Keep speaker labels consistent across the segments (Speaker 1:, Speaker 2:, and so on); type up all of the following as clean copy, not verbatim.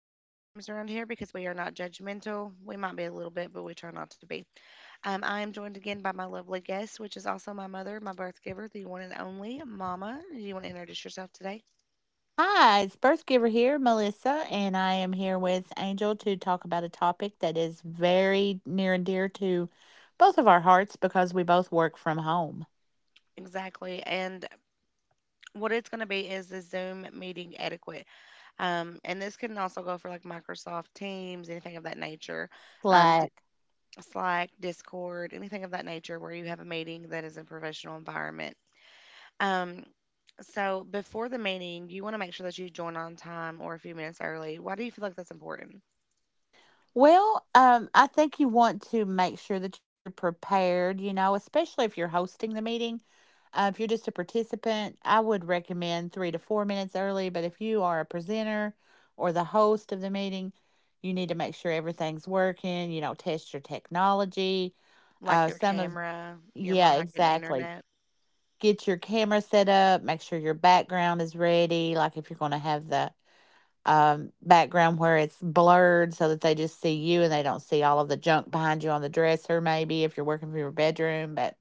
Speaker 1: We don't do names around here because we are not judgmental. We might be a little bit, but we try not to be. I am joined again by my lovely guest, which is also my mother, my birth giver, the one and only Mama. Do you want to introduce yourself today?
Speaker 2: Hi, it's Birth Giver here, Melissa, and I am here with Angel to talk about a topic that is very near and dear to both of our hearts because we both work from home.
Speaker 1: Exactly. And what it's going to be is the Zoom meeting etiquette. And this can also go for like Microsoft Teams, anything of that nature, um, D-
Speaker 2: Slack.
Speaker 1: Slack, Discord, anything of that nature where you have a meeting that is a professional environment. Um, so before the meeting, you want to make sure that you join on time or a few minutes early. Why do you feel like that's important?
Speaker 2: Well, I think you want to make sure that you're prepared, you know, especially if you're hosting the meeting. If you're just a participant, I would recommend 3 to 4 minutes early. But if you are a presenter or the host of the meeting, you need to make sure everything's working. You know, test your technology.
Speaker 1: Like
Speaker 2: Uh,
Speaker 1: your
Speaker 2: some of,
Speaker 1: camera, your
Speaker 2: yeah,
Speaker 1: mic, and
Speaker 2: exactly.
Speaker 1: internet.
Speaker 2: Get your camera set up. Make sure your background is ready. Like if you're going to have the background where it's blurred so that they just see you and they don't see all of the junk behind you on the dresser, maybe if you're working from your bedroom. But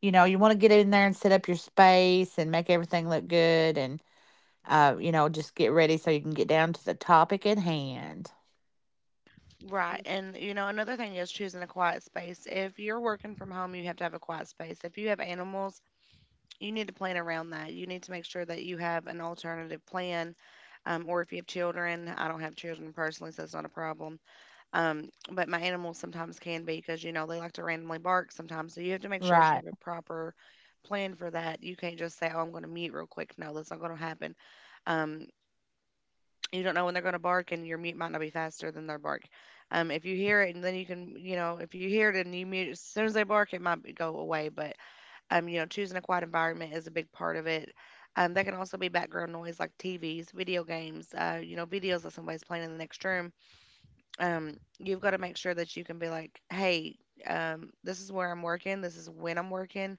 Speaker 2: you know, you want to get in there and set up your space and make everything look good and you know, just get ready so you can get down to the topic at hand.
Speaker 1: Right. And, you know, another thing is choosing a quiet space. If you're working from home, you have to have a quiet space. If you have animals, you need to plan around that. You need to make sure that you have an alternative plan. Or if you have children, I don't have children personally, so it's not a problem. But my animals sometimes can be because you know they like to randomly bark sometimes. So you have to make sure that you
Speaker 2: Right.
Speaker 1: have a proper plan for that. You can't just say, "Oh, I'm going to mute real quick." No, that's not going to happen. Um, you don't know when they're going to bark, and your mute might not be faster than their bark. If you hear it, and then you can, you know, if you hear it and you mute as soon as they bark, go away. But you know, choosing a quiet environment is a big part of it. There can also be background noise like TVs, video games, you know, videos that somebody's playing in the next room. You've got to make sure that you can be like, hey, this is where I'm working. This is when I'm working.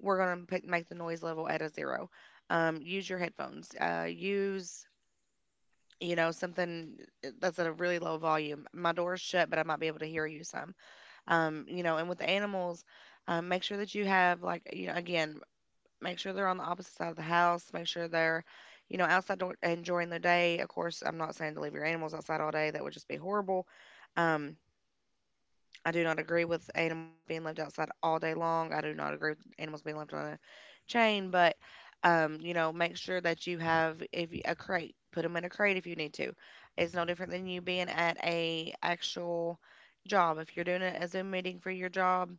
Speaker 1: We're going to make the noise level at a zero. Use your headphones. Use, you know, something that's at a really low volume. My door's shut, but I might be able to hear you some. You know, and with the animals, make sure that you have, like, you know, again, make sure they're on the opposite side of the house. Make sure they're, you know, enjoying their day. Of course, I'm not saying to leave your animals outside all day. That would just be horrible. Um, I do not agree with animals being left outside all day long. I do not agree with animals being left on a chain, but you know, make sure that you have if you, a crate, put them in a crate if you need to. It's no different than you being at a actual job. If you're doing a Zoom meeting for your job,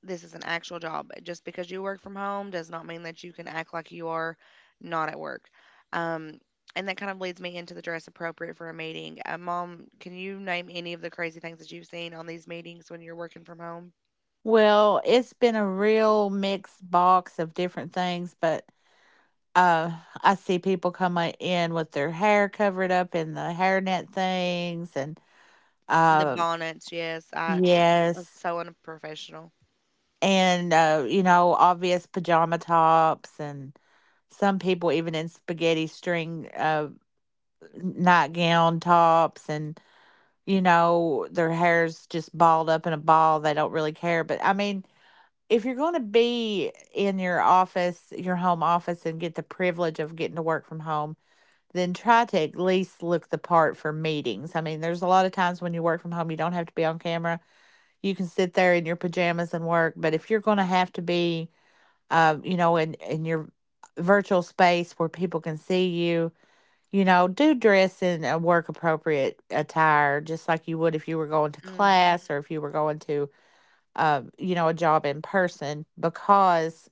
Speaker 1: this is an actual job. Just because you work from home does not mean that you can act like you are not at work. Um, and that kind of leads me into the dress appropriate for a meeting. Mom, can you name any of the crazy things that you've seen on these meetings when you're working from home?
Speaker 2: Well, it's been a real mixed box of different things, but uh, I see people coming in with their hair covered up in the hairnet things, and
Speaker 1: The
Speaker 2: uh,
Speaker 1: bonnets, yes, it was
Speaker 2: yes,
Speaker 1: so unprofessional.
Speaker 2: and you know, obvious pajama tops, and some people even in spaghetti string nightgown tops, and you know, their hair's just balled up in a ball. They don't really care, but I mean, if you're going to be in your office, your home office, and get the privilege of getting to work from home, then try to at least look the part for meetings. I mean, there's a lot of times when you work from home, you don't have to be on camera. You can sit there in your pajamas and work. But if you're going to have to be, you know, in your virtual space where people can see you, you know, do dress in a work appropriate attire, just like you would if you were going to
Speaker 1: Hmm.
Speaker 2: class or if you were going to you know, a job in person because,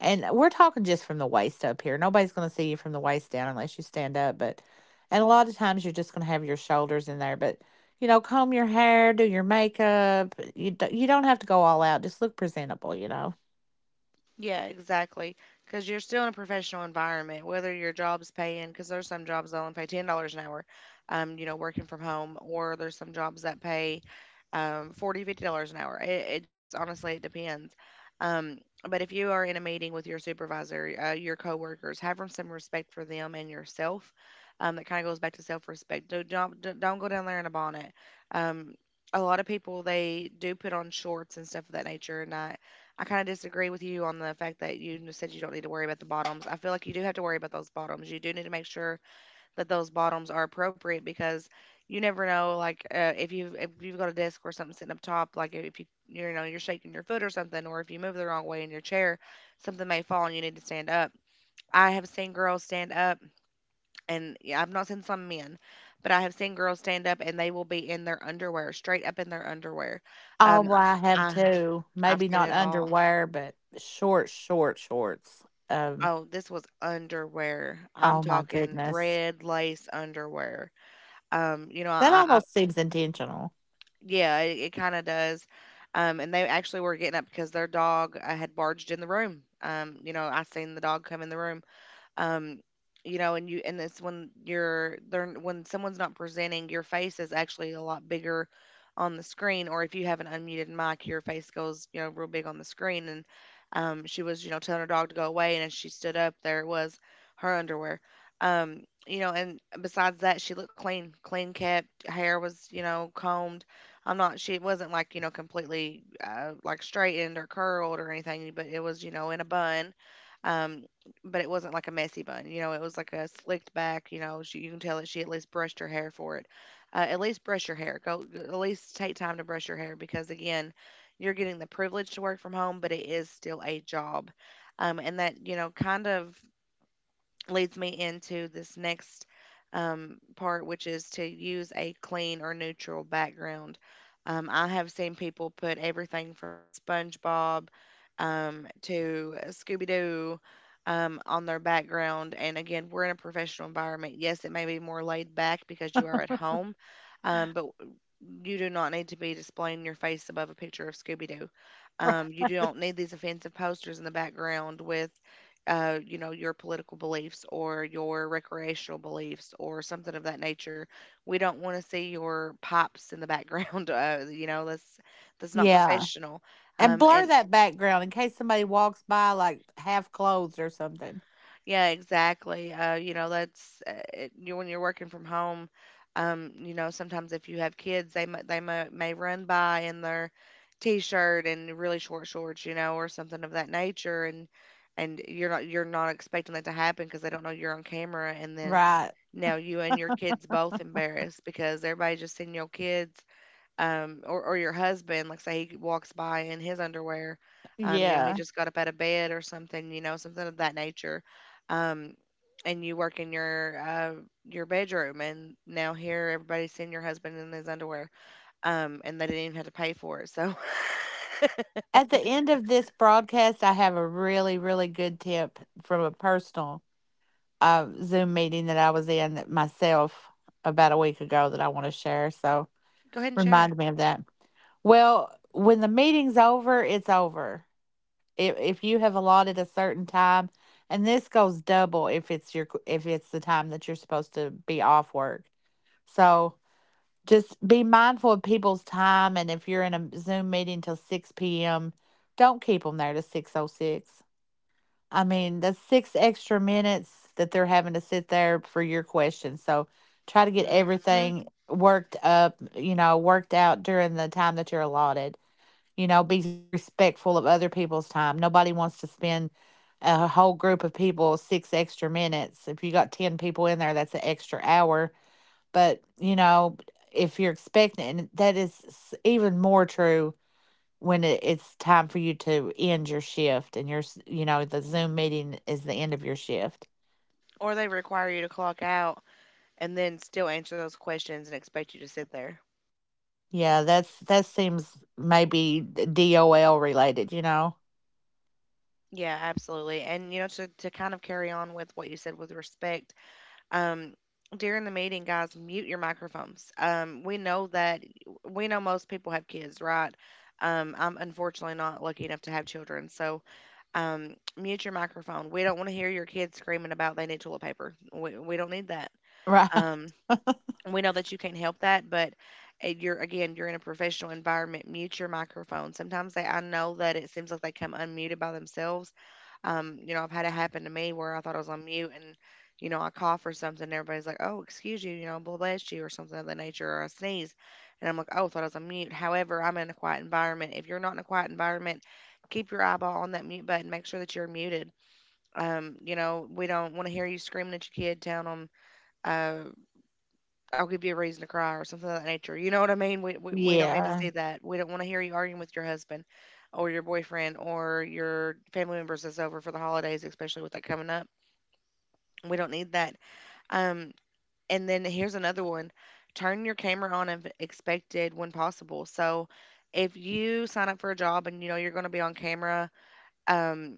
Speaker 2: and we're talking just from the waist up here. Nobody's going to see you from the waist down unless you stand up. But, and a lot of times you're just going to have your shoulders in there. But, you know, comb your hair, do your makeup. You don't have to go all out. Just look presentable, you know.
Speaker 1: Yeah, exactly. Because you're still in a professional environment, whether your job's paying, because there's some jobs that only pay $10 an hour, you know, working from home, or there's some jobs that pay 40 $50 an hour. It just honestly, it depends. Um, but if you are in a meeting with your supervisor, your coworkers, have some respect for them and yourself. That kind of goes back to self-respect. Don't go down there in a bonnet. Um, a lot of people they do put on shorts and stuff of that nature, and I kind of disagree with you on the fact that said you don't need to worry about the bottoms. I feel like you do have to worry about those bottoms. You do need to make sure that those bottoms are appropriate because you never know, like if you've got a desk or something sitting up top, like if you you know you're shaking your foot or something, or if you move the wrong way in your chair, something may fall and you need to stand up. I have seen girls stand up, and yeah, I've not seen some men, but I have seen girls stand up and they will be in their underwear, straight up in their underwear.
Speaker 2: Oh,
Speaker 1: Um,
Speaker 2: well, I have
Speaker 1: I
Speaker 2: two.
Speaker 1: I've
Speaker 2: Maybe
Speaker 1: seen
Speaker 2: not
Speaker 1: it all.
Speaker 2: underwear, but short, short shorts. Um,
Speaker 1: Oh, this was underwear.
Speaker 2: oh
Speaker 1: I'm
Speaker 2: my
Speaker 1: talking
Speaker 2: goodness.
Speaker 1: red lace underwear. You know,
Speaker 2: That almost
Speaker 1: I
Speaker 2: seems intentional.
Speaker 1: Yeah, it kind of does. And they actually were getting up because their dog had barged in the room. You know, I seen the dog come in the room, um you know and you and it's when you're they're when someone's not presenting your face is actually a lot bigger on the screen or if you have an unmuted mic your face goes you know real big on the screen and she was you know telling her dog to go away and as she stood up there it was her underwear. um you know and besides that she looked clean, kept hair was you know combed. I'm not she it wasn't like you know completely like straightened or curled or anything but it was you know in a bun. um, but it wasn't like a messy bun. You know, it was like a slicked back. You know, you can tell that she at least brushed her hair for it. At least brush your hair. Go at least take time to brush your hair because again, you're getting the privilege to work from home, but it is still a job. And that you know, kind of leads me into this next part, which is to use a clean or neutral background. I have seen people put everything from SpongeBob, to Scooby Doo, on their background. And again, we're in a professional environment. Yes, it may be more laid back because you are at home, but you do not need to be displaying your face above a picture of Scooby Doo. You don't need these offensive posters in the background with you know, your political beliefs or your recreational beliefs or something of that nature. We don't want to see your pops in the background. You know, that's not
Speaker 2: Yeah.
Speaker 1: professional.
Speaker 2: And blur
Speaker 1: And
Speaker 2: that background in case somebody walks by like half clothed or something.
Speaker 1: Yeah, exactly. You know, when you're working from home. You know, sometimes if you have kids, they might they may run by in their t-shirt and really short shorts, you know, or something of that nature, and you're not expecting that to happen because they don't know you're on camera, and then
Speaker 2: Right.
Speaker 1: now you and your kids both embarrassed because everybody just seen your kids, or your husband, like say he walks by in his underwear, you know, he
Speaker 2: Yeah.
Speaker 1: just got up out of bed or something, you know, something of that nature, um, and you work in your bedroom, and now here everybody's seeing your husband in his underwear, and they didn't even have to pay for it, so.
Speaker 2: At the end of this broadcast, I have a really, really good tip from a personal Zoom meeting that I was in that myself about a week ago that I want to share. So
Speaker 1: Go ahead and share
Speaker 2: remind me of that. Well, when the meeting's over, it's over. If you have allotted a certain time, and this goes double if it's the time that you're supposed to be off work. So just be mindful of people's time, and if you're in a Zoom meeting till 6 p.m., don't keep them there to 606. I mean, that's six extra minutes that they're having to sit there for your questions. So try to get
Speaker 1: it. Hmm.
Speaker 2: everything worked up you know worked out during the time that you're allotted. You know, be respectful of other people's time. Nobody wants to spend a whole group of people six extra minutes. If you got 10 people in there, that's an extra hour. But you know, if you're expecting, and that is even more true when it's time for you to end your shift and your you know, the Zoom meeting is the end of your shift.
Speaker 1: Or they require you to clock out and then still answer those questions and expect you to sit there.
Speaker 2: Yeah, that's, that seems maybe DOL related, you know.
Speaker 1: Yeah, absolutely. And you know, to kind of carry on with what you said with respect, Um, during the meeting, guys, mute your microphones. We know most people have kids, right? I'm unfortunately not lucky enough to have children, so mute your microphone. We don't want to hear your kids screaming about they need toilet paper. We don't need that.
Speaker 2: Right.
Speaker 1: Um, we know that you can't help that, but you're again, you're in a professional environment. Mute your microphone. I know that it seems like they come unmuted by themselves, you know, I've had it happen to me where I thought I was on mute and, you know, I cough or something and everybody's like, oh, excuse you, you know, bless you or something of that nature or I sneeze. And I'm like, oh, thought I was on mute. However, I'm in a quiet environment. If you're not in a quiet environment, keep your eyeball on that mute button. Make sure that you're muted. We don't want to hear you screaming at your kid, telling them, uh, I'll give you a reason to cry or something of that nature. You know what I mean? We don't need to
Speaker 2: Yeah,
Speaker 1: see that. We don't want to hear you arguing with your husband or your boyfriend or your family members that's over for the holidays, especially with that coming up. We don't need that. Um, and then here's another one. Turn your camera on if expected when possible. So if you sign up for a job and you know you're going to be on camera, um,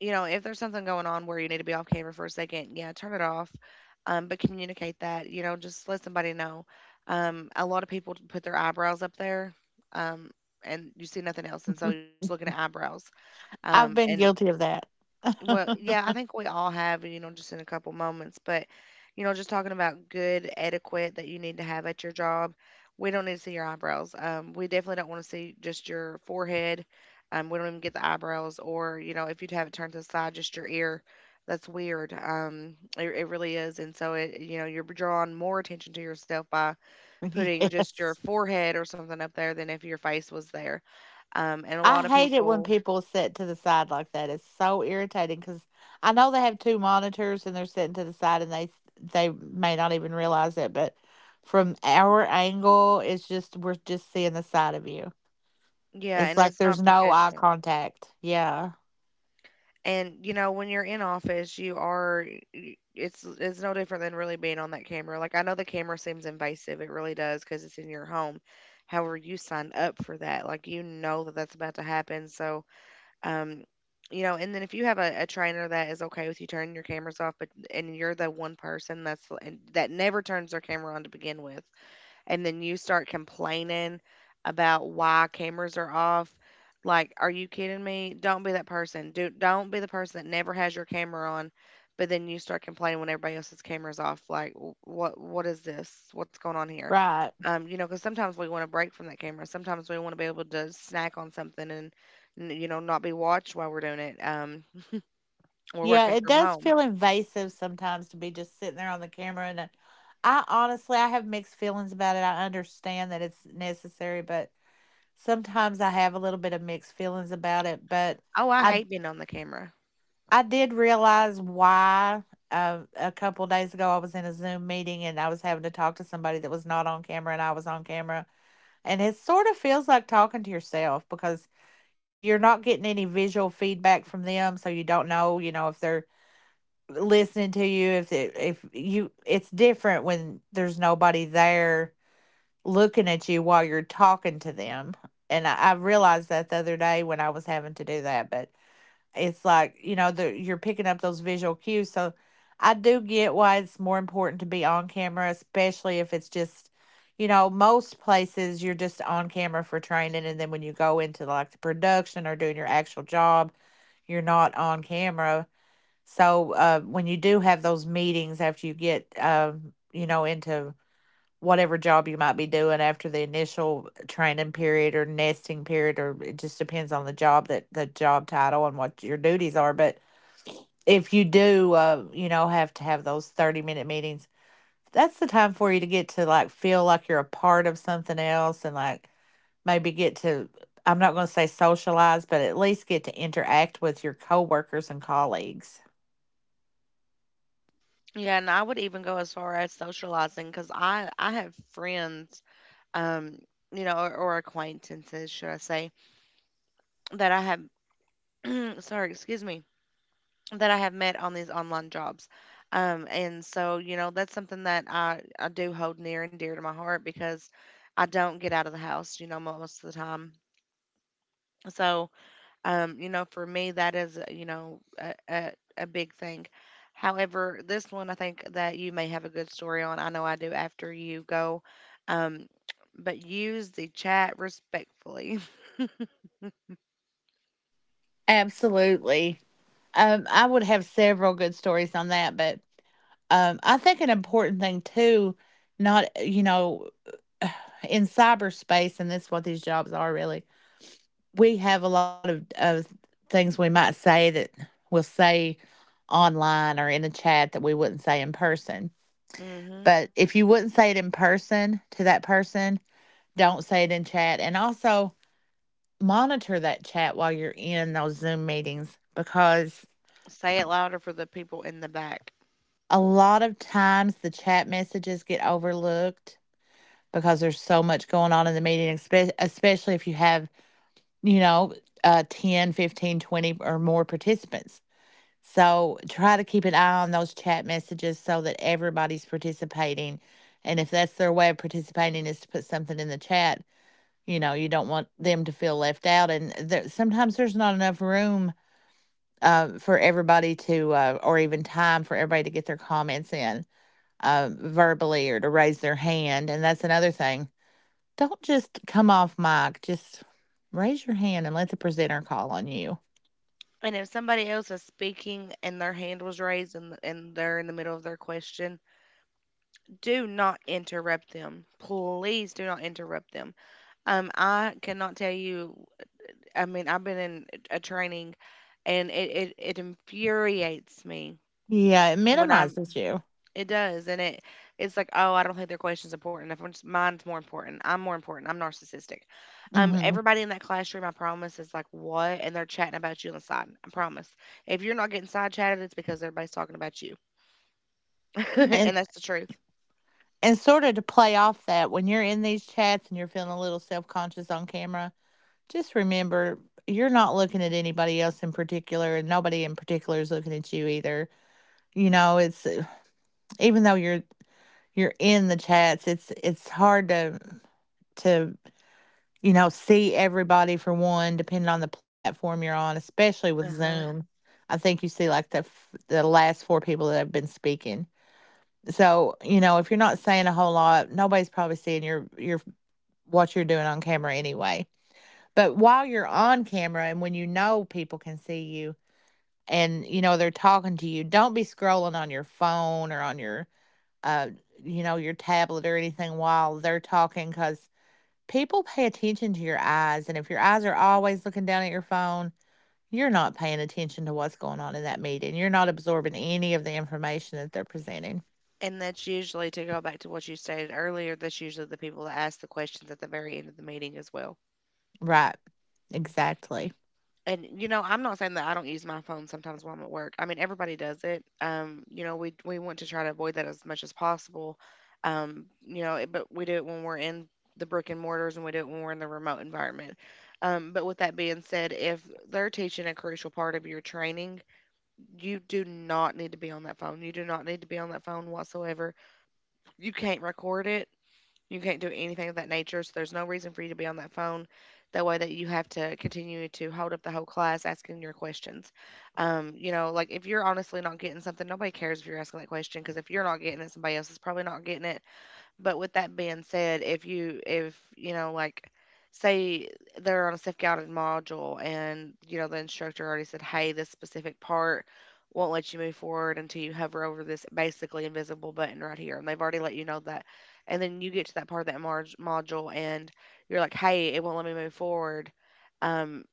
Speaker 1: if there's something going on where you need to be off camera for a second, yeah, turn it off. But communicate that, you know, just let somebody know. A lot of people put their eyebrows up there, um, and you see nothing else, and so you're just looking at eyebrows.
Speaker 2: I've been
Speaker 1: And
Speaker 2: guilty of that.
Speaker 1: Well, yeah, I think we all have, you know, just in a couple moments, but you know, just talking about good etiquette that you need to have at your job. We don't need to see your eyebrows. We definitely don't want to see just your forehead. We don't even get the eyebrows, or you know, if you'd have it turned to the side, just your ear. That's weird. It really is, and so it, you know, you're drawing more attention to yourself by putting just your
Speaker 2: Yes.
Speaker 1: forehead or something up there than if your face was there. And a
Speaker 2: I
Speaker 1: lot of
Speaker 2: hate it when
Speaker 1: people,
Speaker 2: people sit to the side like that. It's so irritating because I know they have two monitors and they're sitting to the side, and they may not even realize it, but from our angle, it's just, we're just seeing the side of you.
Speaker 1: yeah,
Speaker 2: It's
Speaker 1: and
Speaker 2: like
Speaker 1: it's
Speaker 2: there's
Speaker 1: not
Speaker 2: no eye
Speaker 1: professional.
Speaker 2: contact. Yeah,
Speaker 1: And you know, when you're in office, you are it's no different than really being on that camera. Like I know the camera seems invasive, it really does because it's in your home. However, you signed up for that. Like you know that that's about to happen. So, um, you know, and then if you have a trainer that is okay with you turning your cameras off, but and you're the one person that never turns their camera on to begin with, and then you start complaining about why cameras are off. Like, are you kidding me? Don't be that person. Do don't be the person that never has your camera on, but then you start complaining when everybody else's camera's off. Like, "What is this? What's going on here?
Speaker 2: right.
Speaker 1: You know, because sometimes we want to break from that camera. Sometimes we want to be able to snack on something and, you know, not be watched while we're doing it. We're
Speaker 2: Yeah,
Speaker 1: working
Speaker 2: it
Speaker 1: from
Speaker 2: does
Speaker 1: home.
Speaker 2: feel invasive sometimes to be just sitting there on the camera, and I honestly, I have mixed feelings about it. I understand that it's necessary, but sometimes I have a little bit of mixed feelings about it, but
Speaker 1: Oh, I
Speaker 2: I.
Speaker 1: hate being on the camera.
Speaker 2: I did realize why. A couple days ago, I was in a Zoom meeting and I was having to talk to somebody that was not on camera and I was on camera. And it sort of feels like talking to yourself because you're not getting any visual feedback from them. So you don't know, you know, if they're listening to you, if it, if you, it's different when there's nobody there looking at you while you're talking to them. And I realized that the other day when I was having to do that. But it's like, you know, you're picking up those visual cues. So I do get why it's more important to be on camera, especially if it's just, you know, most places you're just on camera for training, and then when you go into like the production or doing your actual job, you're not on camera. So when you do have those meetings after you get you know, into whatever job you might be doing after the initial training period or nesting period, or it just depends on the job, that the job title and what your duties are. But if you do you know, have to have those 30-minute minute meetings, that's the time for you to get to, like, feel like you're a part of something else, and like maybe get to, I'm not going to say socialize, but at least get to interact with your coworkers and colleagues.
Speaker 1: Yeah, and I would even go as far as socializing because I have friends um, you know, or acquaintances, should I say, that I have, sorry, excuse me, that I have met on these online jobs. And so, you know, that's something that I do hold near and dear to my heart because I don't get out of the house, you know, most of the time. So, you know, for me, that is, you know, a big thing. However, this one I think that you may have a good story on. I know I do after you go. Um, but use the chat respectfully.
Speaker 2: Absolutely. I would have several good stories on that, but I think an important thing too, not, you know, in cyberspace, and that's what these jobs are really, we have a lot of things we might say that we'll say online or in a chat that we wouldn't say in person. But if you wouldn't say it in person to that person, don't say it in chat. And also monitor that chat while you're in those Zoom meetings because
Speaker 1: Say it louder for the people in the back.
Speaker 2: a lot of times the chat messages get overlooked because there's so much going on in the meeting, especially if you have, you know, 10, 15, 20 or more participants. So try to keep an eye on those chat messages so that everybody's participating. And if that's their way of participating, is to put something in the chat, you know, you don't want them to feel left out. And there, sometimes there's not enough room for everybody to, or even time for everybody to get their comments in verbally or to raise their hand. And that's another thing. Don't just come off mic, just raise your hand and let the presenter call on you.
Speaker 1: And if somebody else is speaking and their hand was raised and they're in the middle of their question, do not interrupt them. Please do not interrupt them. I cannot tell you, I mean, I've been in a training and it infuriates me
Speaker 2: Yeah, it
Speaker 1: when I'm.
Speaker 2: minimizes you.
Speaker 1: It does, and it's like, oh, I don't think their question's important enough. It's- Mine's more important. I'm more important. I'm narcissistic.
Speaker 2: Hmm.
Speaker 1: Everybody in that classroom, I promise, is like, what? And they're chatting about you on the side. I promise. If you're not getting side chatted, it's because everybody's talking about you, and
Speaker 2: And
Speaker 1: that's the truth.
Speaker 2: and sort of to play off that, when you're in these chats and you're feeling a little self conscious on camera, just remember you're not looking at anybody else in particular, and nobody in particular is looking at you either. You know, it's, even though you're in the chats, it's hard to, to you know, see everybody for one, depending on the platform you're on, especially with
Speaker 1: Uh huh.
Speaker 2: Zoom. I think you see like the the last four people that have been speaking. So you know, if you're not saying a whole lot, nobody's probably seeing your what you're doing on camera anyway. But while you're on camera and when you know people can see you and you know they're talking to you, don't be scrolling on your phone or on your uh you know, your tablet or anything while they're talking, because people pay attention to your eyes, and if your eyes are always looking down at your phone, you're not paying attention to what's going on in that meeting. You're not absorbing any of the information that they're presenting.
Speaker 1: And that's usually to go back to what you stated earlier. That's usually the people that ask the questions at the very end of the meeting as well.
Speaker 2: Right. Exactly.
Speaker 1: And you know, I'm not saying that I don't use my phone sometimes while I'm at work. I mean, everybody does it. You know, we want to try to avoid that as much as possible. But we do it when we're in the brick and mortars and we do it when we're in the remote environment. But with that being said, if they're teaching a crucial part of your training, you do not need to be on that phone. You do not need to be on that phone whatsoever. You can't record it. You can't do anything of that nature, so there's no reason for you to be on that phone. That way that you have to continue to hold up the whole class asking your questions. You know, like if you're honestly not getting something, nobody cares if you're asking that question because if you're not getting it, somebody else is probably not getting it. But with that being said, if you know, like, say they're on a self-guided module and you know the instructor already said, "Hey, this specific part won't let you move forward until you hover over this basically invisible button right here." And they've already let you know that. And then you get to that part of that module and you're like, "Hey, it won't let me move forward." Um,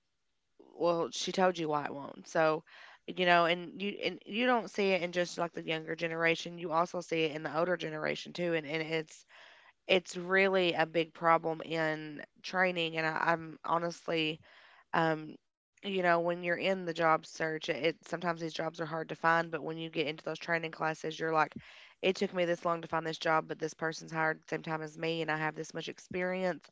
Speaker 1: well, she told you why it won't. So, you know, and you don't see it in just like the younger generation. You also see it in the older generation too, and it's really a big problem in training and I'm honestly, um, you know, when you're in the job search, it sometimes these jobs are hard to find, but when you get into those training classes, you're like, it took me this long to find this job, but this person's hired at the same time as me and I have this much experience.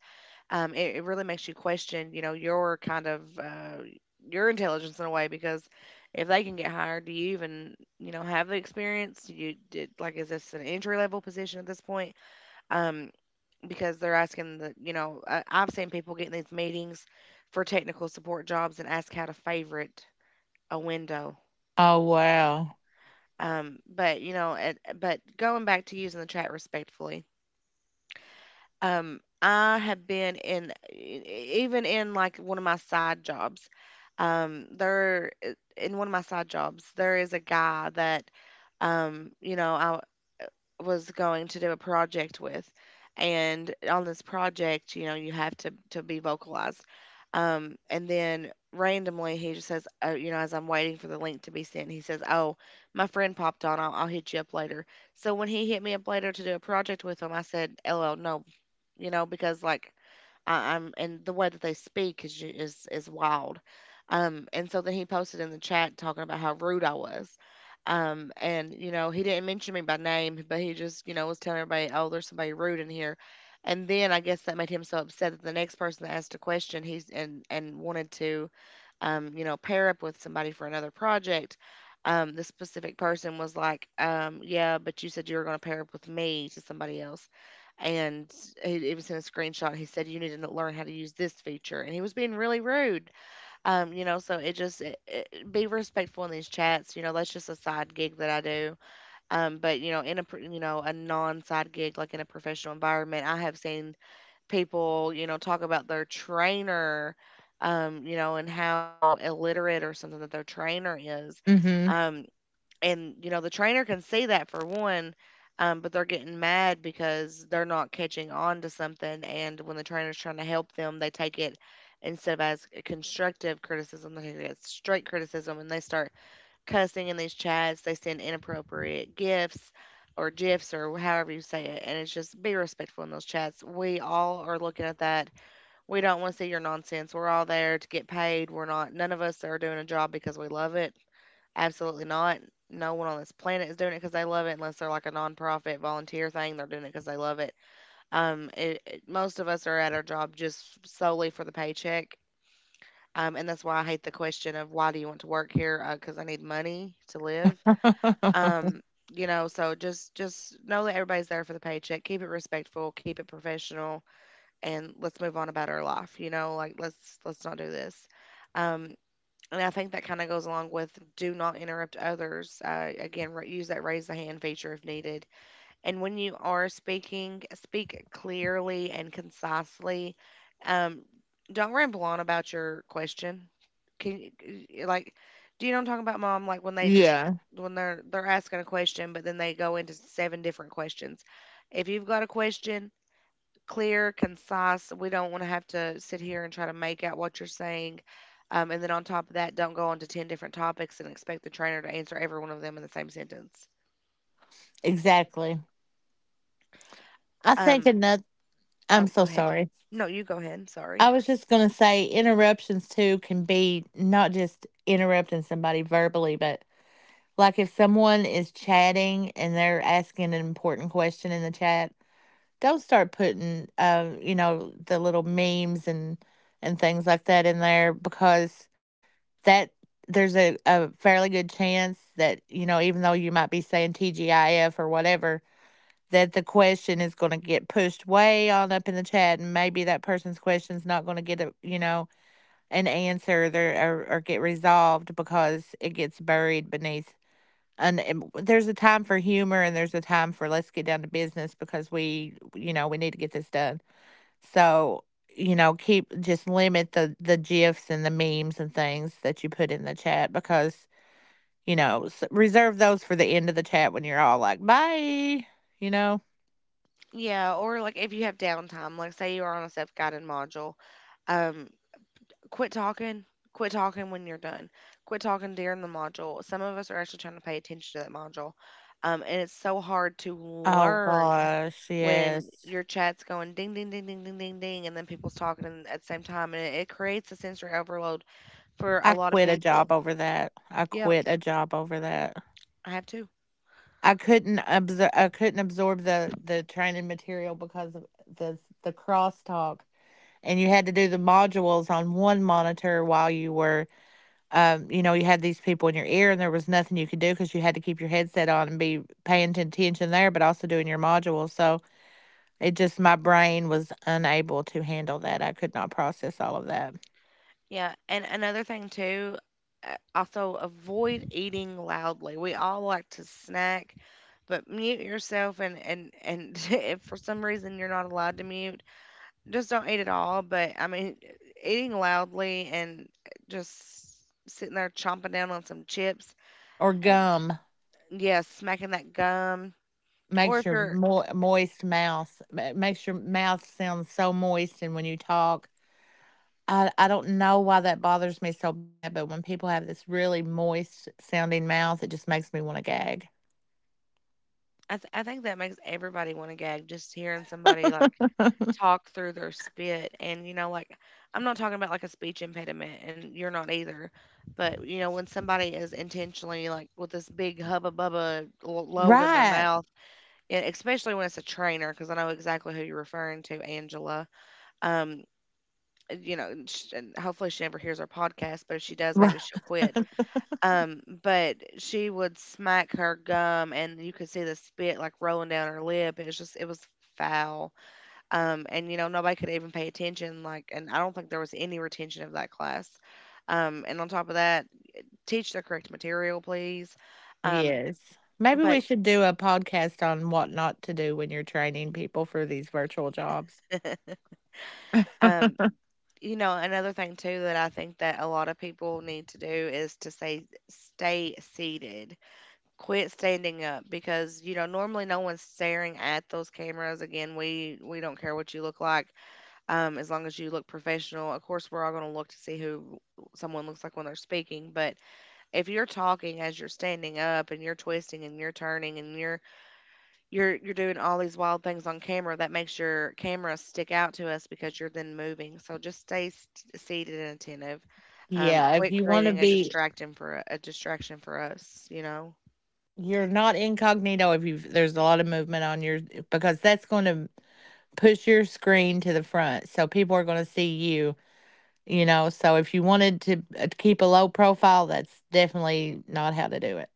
Speaker 1: It really makes you question, you know, your kind of your intelligence in a way because if they can get hired, do you even, you know, have the experience? Do you did, like, is this an entry level position at this point? um because they're asking the, you know, I've seen people getting these meetings for technical support jobs and ask how to favorite a window.
Speaker 2: Oh, wow.
Speaker 1: But you know it, but going back to using the chat respectfully, I have been in even in like one of my side jobs, there in one of my side jobs there is a guy that, um, you know, I, was going to do a project with. And on this project, you know, you have to be vocalized. And then randomly, he just says, oh, you know, as I'm waiting for the link to be sent, he says, "Oh, my friend popped on. I'll hit you up later." So when he hit me up later to do a project with him, I said, "LL, no," you know, because like I'm and the way that they speak is is wild. And so then he posted in the chat talking about how rude I was. And you know he didn't mention me by name, but he just you know was telling everybody, oh, there's somebody rude in here. And then I guess that made him so upset that the next person that asked a question, he's and wanted to, you know, pair up with somebody for another project, this specific person was like, yeah, but you said you were going to pair up with me to somebody else. And he, it was in a screenshot. He said, you need to learn how to use this feature. And he was being really rude. You know, so it just be respectful in these chats. You know, that's just a side gig that I do. But, you know, in you know, a non side gig, like in a professional environment, I have seen people, you know, talk about their trainer, you know, and how illiterate or something that their trainer is.
Speaker 2: Mm
Speaker 1: Um, and, you know, the trainer can see that for one, but they're getting mad because they're not catching on to something. And when the trainer's trying to help them, they take it, instead of as constructive criticism, they take it as straight criticism and they start cussing in these chats. They send inappropriate gifts or gifs or however you say it. And it's just be respectful in those chats. We all are looking at that. We don't want to see your nonsense. We're all there to get paid. We're not, none of us are doing a job because we love it. Absolutely not. No one on this planet is doing it because they love it, unless they're like a nonprofit volunteer thing. They're doing it because they love it. Most of us are at our job just solely for the paycheck. And that's why I hate the question of why do you want to work here? Because I need money to live.
Speaker 2: hmm.
Speaker 1: Um, so just know that everybody's there for the paycheck. Keep it respectful, keep it professional, and let's move on about our life. You know, like let's not do this. Um, and I think that kind of goes along with do not interrupt others. Again, use that raise the hand feature if needed, and when you are speaking, speak clearly and concisely. Um, don't ramble on about your question. Can you, like, do you know what I'm talking about, Mom? Like when they just
Speaker 2: Yeah,
Speaker 1: when they're asking a question, but then they go into seven different questions. If you've got a question, clear, concise. We don't want to have to sit here and try to make out what you're saying. And then on top of that, don't go on to ten different topics and expect the trainer to answer every one of them in the same sentence.
Speaker 2: exactly. I think
Speaker 1: Um,
Speaker 2: another, I'm
Speaker 1: Oh,
Speaker 2: so
Speaker 1: go ahead.
Speaker 2: sorry.
Speaker 1: No, you go ahead.
Speaker 2: I
Speaker 1: Sorry.
Speaker 2: was just going to say interruptions too can be not just interrupting somebody verbally, but like if someone is chatting and they're asking an important question in the chat, don't start putting, you know, the little memes and things like that in there, because that there's a fairly good chance that, you know, even though you might be saying TGIF or whatever, that the question is going to get pushed way on up in the chat, and maybe that person's question's not going to get a, you know, an answer there, or get resolved because it gets buried beneath. And there's a time for humor and there's a time for let's get down to business because we, you know, we need to get this done. So, you know, keep, just limit the gifs and the memes and things that you put in the chat, because, you know, reserve those for the end of the chat when you're all like, "Bye." You know?
Speaker 1: Yeah, or like if you have downtime, like say you're on a self-guided module, um, quit talking. Quit talking when you're done. Quit talking during the module. Some of us are actually trying to pay attention to that module, and it's so hard to
Speaker 2: Oh
Speaker 1: learn
Speaker 2: gosh,
Speaker 1: when
Speaker 2: yes.
Speaker 1: your chat's going ding, ding, ding, ding, ding, ding, ding, and then people's talking at the same time, and it creates a sensory overload for a
Speaker 2: I
Speaker 1: lot of
Speaker 2: quit a job
Speaker 1: people.
Speaker 2: over that. I
Speaker 1: Yep,
Speaker 2: quit a job over that.
Speaker 1: I have too.
Speaker 2: I couldn't absor- I couldn't absorb the training material because of the crosstalk, and you had to do the modules on one monitor while you were you know, you had these people in your ear and there was nothing you could do because you had to keep your headset on and be paying attention there, but also doing your modules. So it just, my brain was unable to handle that. I could not process all of that.
Speaker 1: Yeah, and another thing too, also avoid eating loudly. We all like to snack, but mute yourself and if for some reason you're not allowed to mute, just don't eat at all. But I mean, eating loudly and just sitting there chomping down on some chips,
Speaker 2: Or
Speaker 1: uh,
Speaker 2: gum
Speaker 1: yeah, smacking that gum, or
Speaker 2: makes
Speaker 1: if
Speaker 2: your
Speaker 1: you're
Speaker 2: moist mouth. It makes your mouth sound so moist. And when you talk, I don't know why that bothers me so bad, but when people have this really moist sounding mouth, it just makes me want to gag.
Speaker 1: I think that makes everybody want to gag just hearing somebody like talk through their spit, and you know, like I'm not talking about like a speech impediment, and you're not either, but you know when somebody is intentionally like with this big hubba bubba load in their
Speaker 2: Right.
Speaker 1: mouth, and especially when it's a trainer because I know exactly who you're referring to, Angela. um you know, and hopefully she never hears our podcast, but if she does,
Speaker 2: Right.
Speaker 1: maybe she'll quit. But she would smack her gum and you could see the spit like rolling down her lip. It was just it was foul. And you know, nobody could even pay attention, like, and I don't think there was any retention of that class. And on top of that, teach the correct material, please. Um,
Speaker 2: Yes. Maybe we
Speaker 1: but
Speaker 2: should do a podcast on what not to do when you're training people for these virtual jobs.
Speaker 1: um, you know, another thing too that I think that a lot of people need to do is to say stay seated. Quit standing up because, you know, normally no one's staring at those cameras. Again, we don't care what you look like, as long as you look professional. Of course, we're all gonna look to see who someone looks like when they're speaking, but if you're talking as you're standing up and you're twisting and you're turning and you're doing all these wild things on camera, that makes your camera stick out to us because you're then moving. So just stay seated and attentive.
Speaker 2: Yeah, if
Speaker 1: Quit
Speaker 2: you wanna
Speaker 1: creating a
Speaker 2: be,
Speaker 1: distraction for distraction for us, you know.
Speaker 2: you're not incognito if you, there's a lot of movement on your, because that's gonna push your screen to the front, so people are gonna see you, you know, so if you wanted to, keep a low profile, that's definitely not how to do it.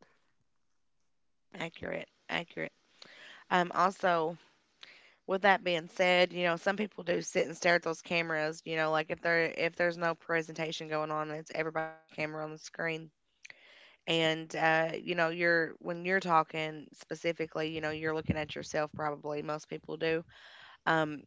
Speaker 1: Accurate, accurate. Also, with that being said, you know, some people do sit and stare at those cameras, you know, like if there's no presentation going on and it's everybody's camera on the screen. And you know, you're when you're talking specifically, you know, you're looking at yourself, probably most people do. um,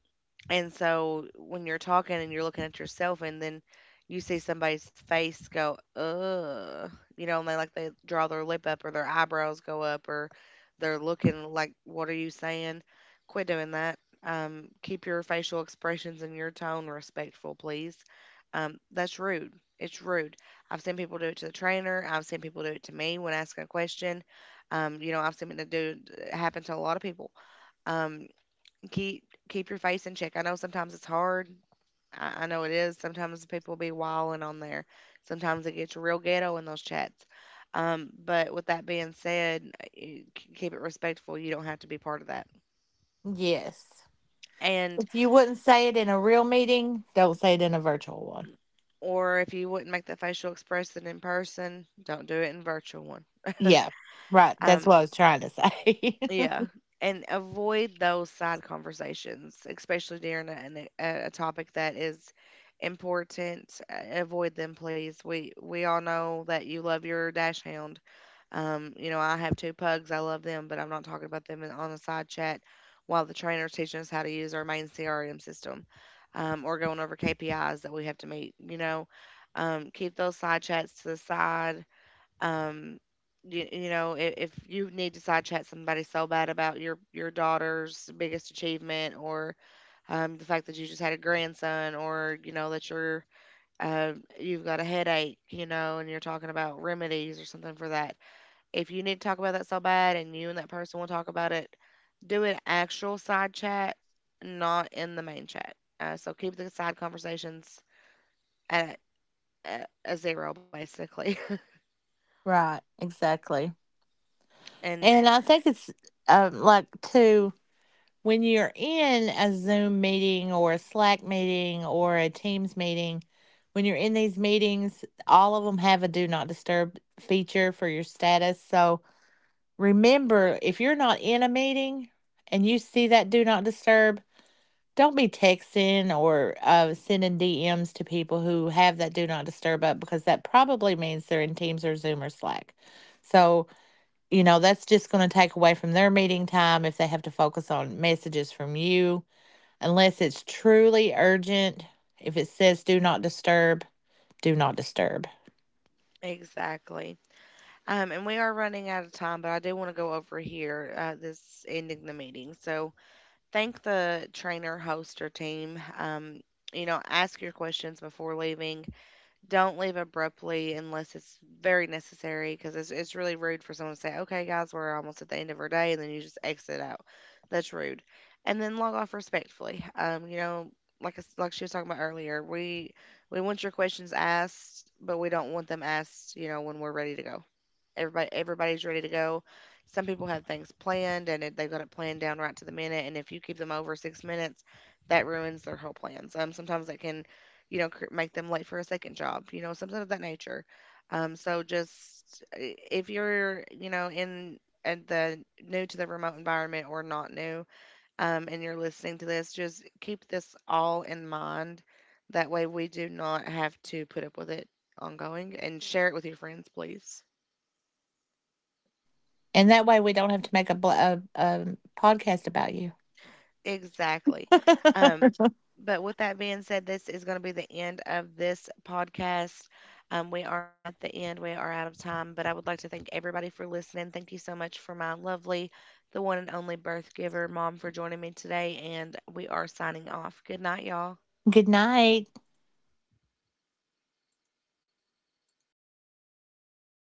Speaker 1: and so when you're talking and you're looking at yourself, and then you see somebody's face go, ugh, you know, and they like they draw their lip up or their eyebrows go up, or they're looking like, what are you saying? Quit doing that. Keep your facial expressions and your tone respectful, please. That's rude. It's rude. I've seen people do it to the trainer. I've seen people do it to me when asking a question. You know, I've seen it do happen to a lot of people. Um, keep keep your face in check. I know sometimes it's hard. I know it is. Sometimes people be wilding on there. Sometimes it gets real ghetto in those chats. But with that being said, keep it respectful. You don't have to be part of that.
Speaker 2: Yes.
Speaker 1: And
Speaker 2: If you wouldn't say it in a real meeting, don't say it in a virtual one.
Speaker 1: or if you wouldn't make the facial expression in person, don't do it in virtual one.
Speaker 2: Yeah, right. That's
Speaker 1: um,
Speaker 2: what I was trying to say.
Speaker 1: Yeah, and avoid those side conversations, especially during a topic that is important. Avoid them, please. We all know that you love your dash hound. You know, I have two pugs. I love them, but I'm not talking about them on the side chat while the trainer's teaching us how to use our main CRM system, or going over KPIs that we have to meet. You know, keep those side chats to the side. um, you know, if you need to side chat somebody so bad about your daughter's biggest achievement, or the fact that you just had a grandson, or you know that you're uh, you've got a headache, you know, and you're talking about remedies or something for that. If you need to talk about that so bad, and you and that person will talk about it, do an actual side chat, not in the main chat. So keep the side conversations at, at a zero, basically.
Speaker 2: Right, exactly.
Speaker 1: And
Speaker 2: And I think it's like, too, when you're in a Zoom meeting or a Slack meeting or a Teams meeting, when you're in these meetings, all of them have a do not disturb feature for your status. So remember, if you're not in a meeting and you see that do not disturb, don't be texting or sending DMs to people who have that do not disturb up, because that probably means they're in Teams or Zoom or Slack. So, you know, that's just going to take away from their meeting time if they have to focus on messages from you, unless it's truly urgent. If it says do not disturb, do not disturb.
Speaker 1: exactly. And we are running out of time, but I do want to go over here. This ending the meeting. So thank the trainer, host, or team. You know, ask your questions before leaving. Don't leave abruptly unless it's very necessary, because it's really rude for someone to say, okay, guys, we're almost at the end of our day, and then you just exit out. That's rude. And then log off respectfully. You know, like, like she was talking about earlier, we want your questions asked, but we don't want them asked, you know, when we're ready to go. Everybody's ready to go. Some people have things planned, and they've got it planned down right to the minute. And if you keep them over six minutes, that ruins their whole plans. Sometimes that can, you know, make them late for a second job. You know, something of that nature. So just if you're, you know, in at the new to the remote environment, or not new, and you're listening to this, just keep this all in mind. That way, we do not have to put up with it ongoing. And share it with your friends, please.
Speaker 2: And that way we don't have to make a, a podcast about you.
Speaker 1: Exactly. Um, but with that being said, this is going to be the end of this podcast. We are at the end. We are out of time, but I would like to thank everybody for listening. Thank you so much for my lovely, the one and only birth giver mom, for joining me today. And we are signing off. Good night, y'all.
Speaker 2: Good night.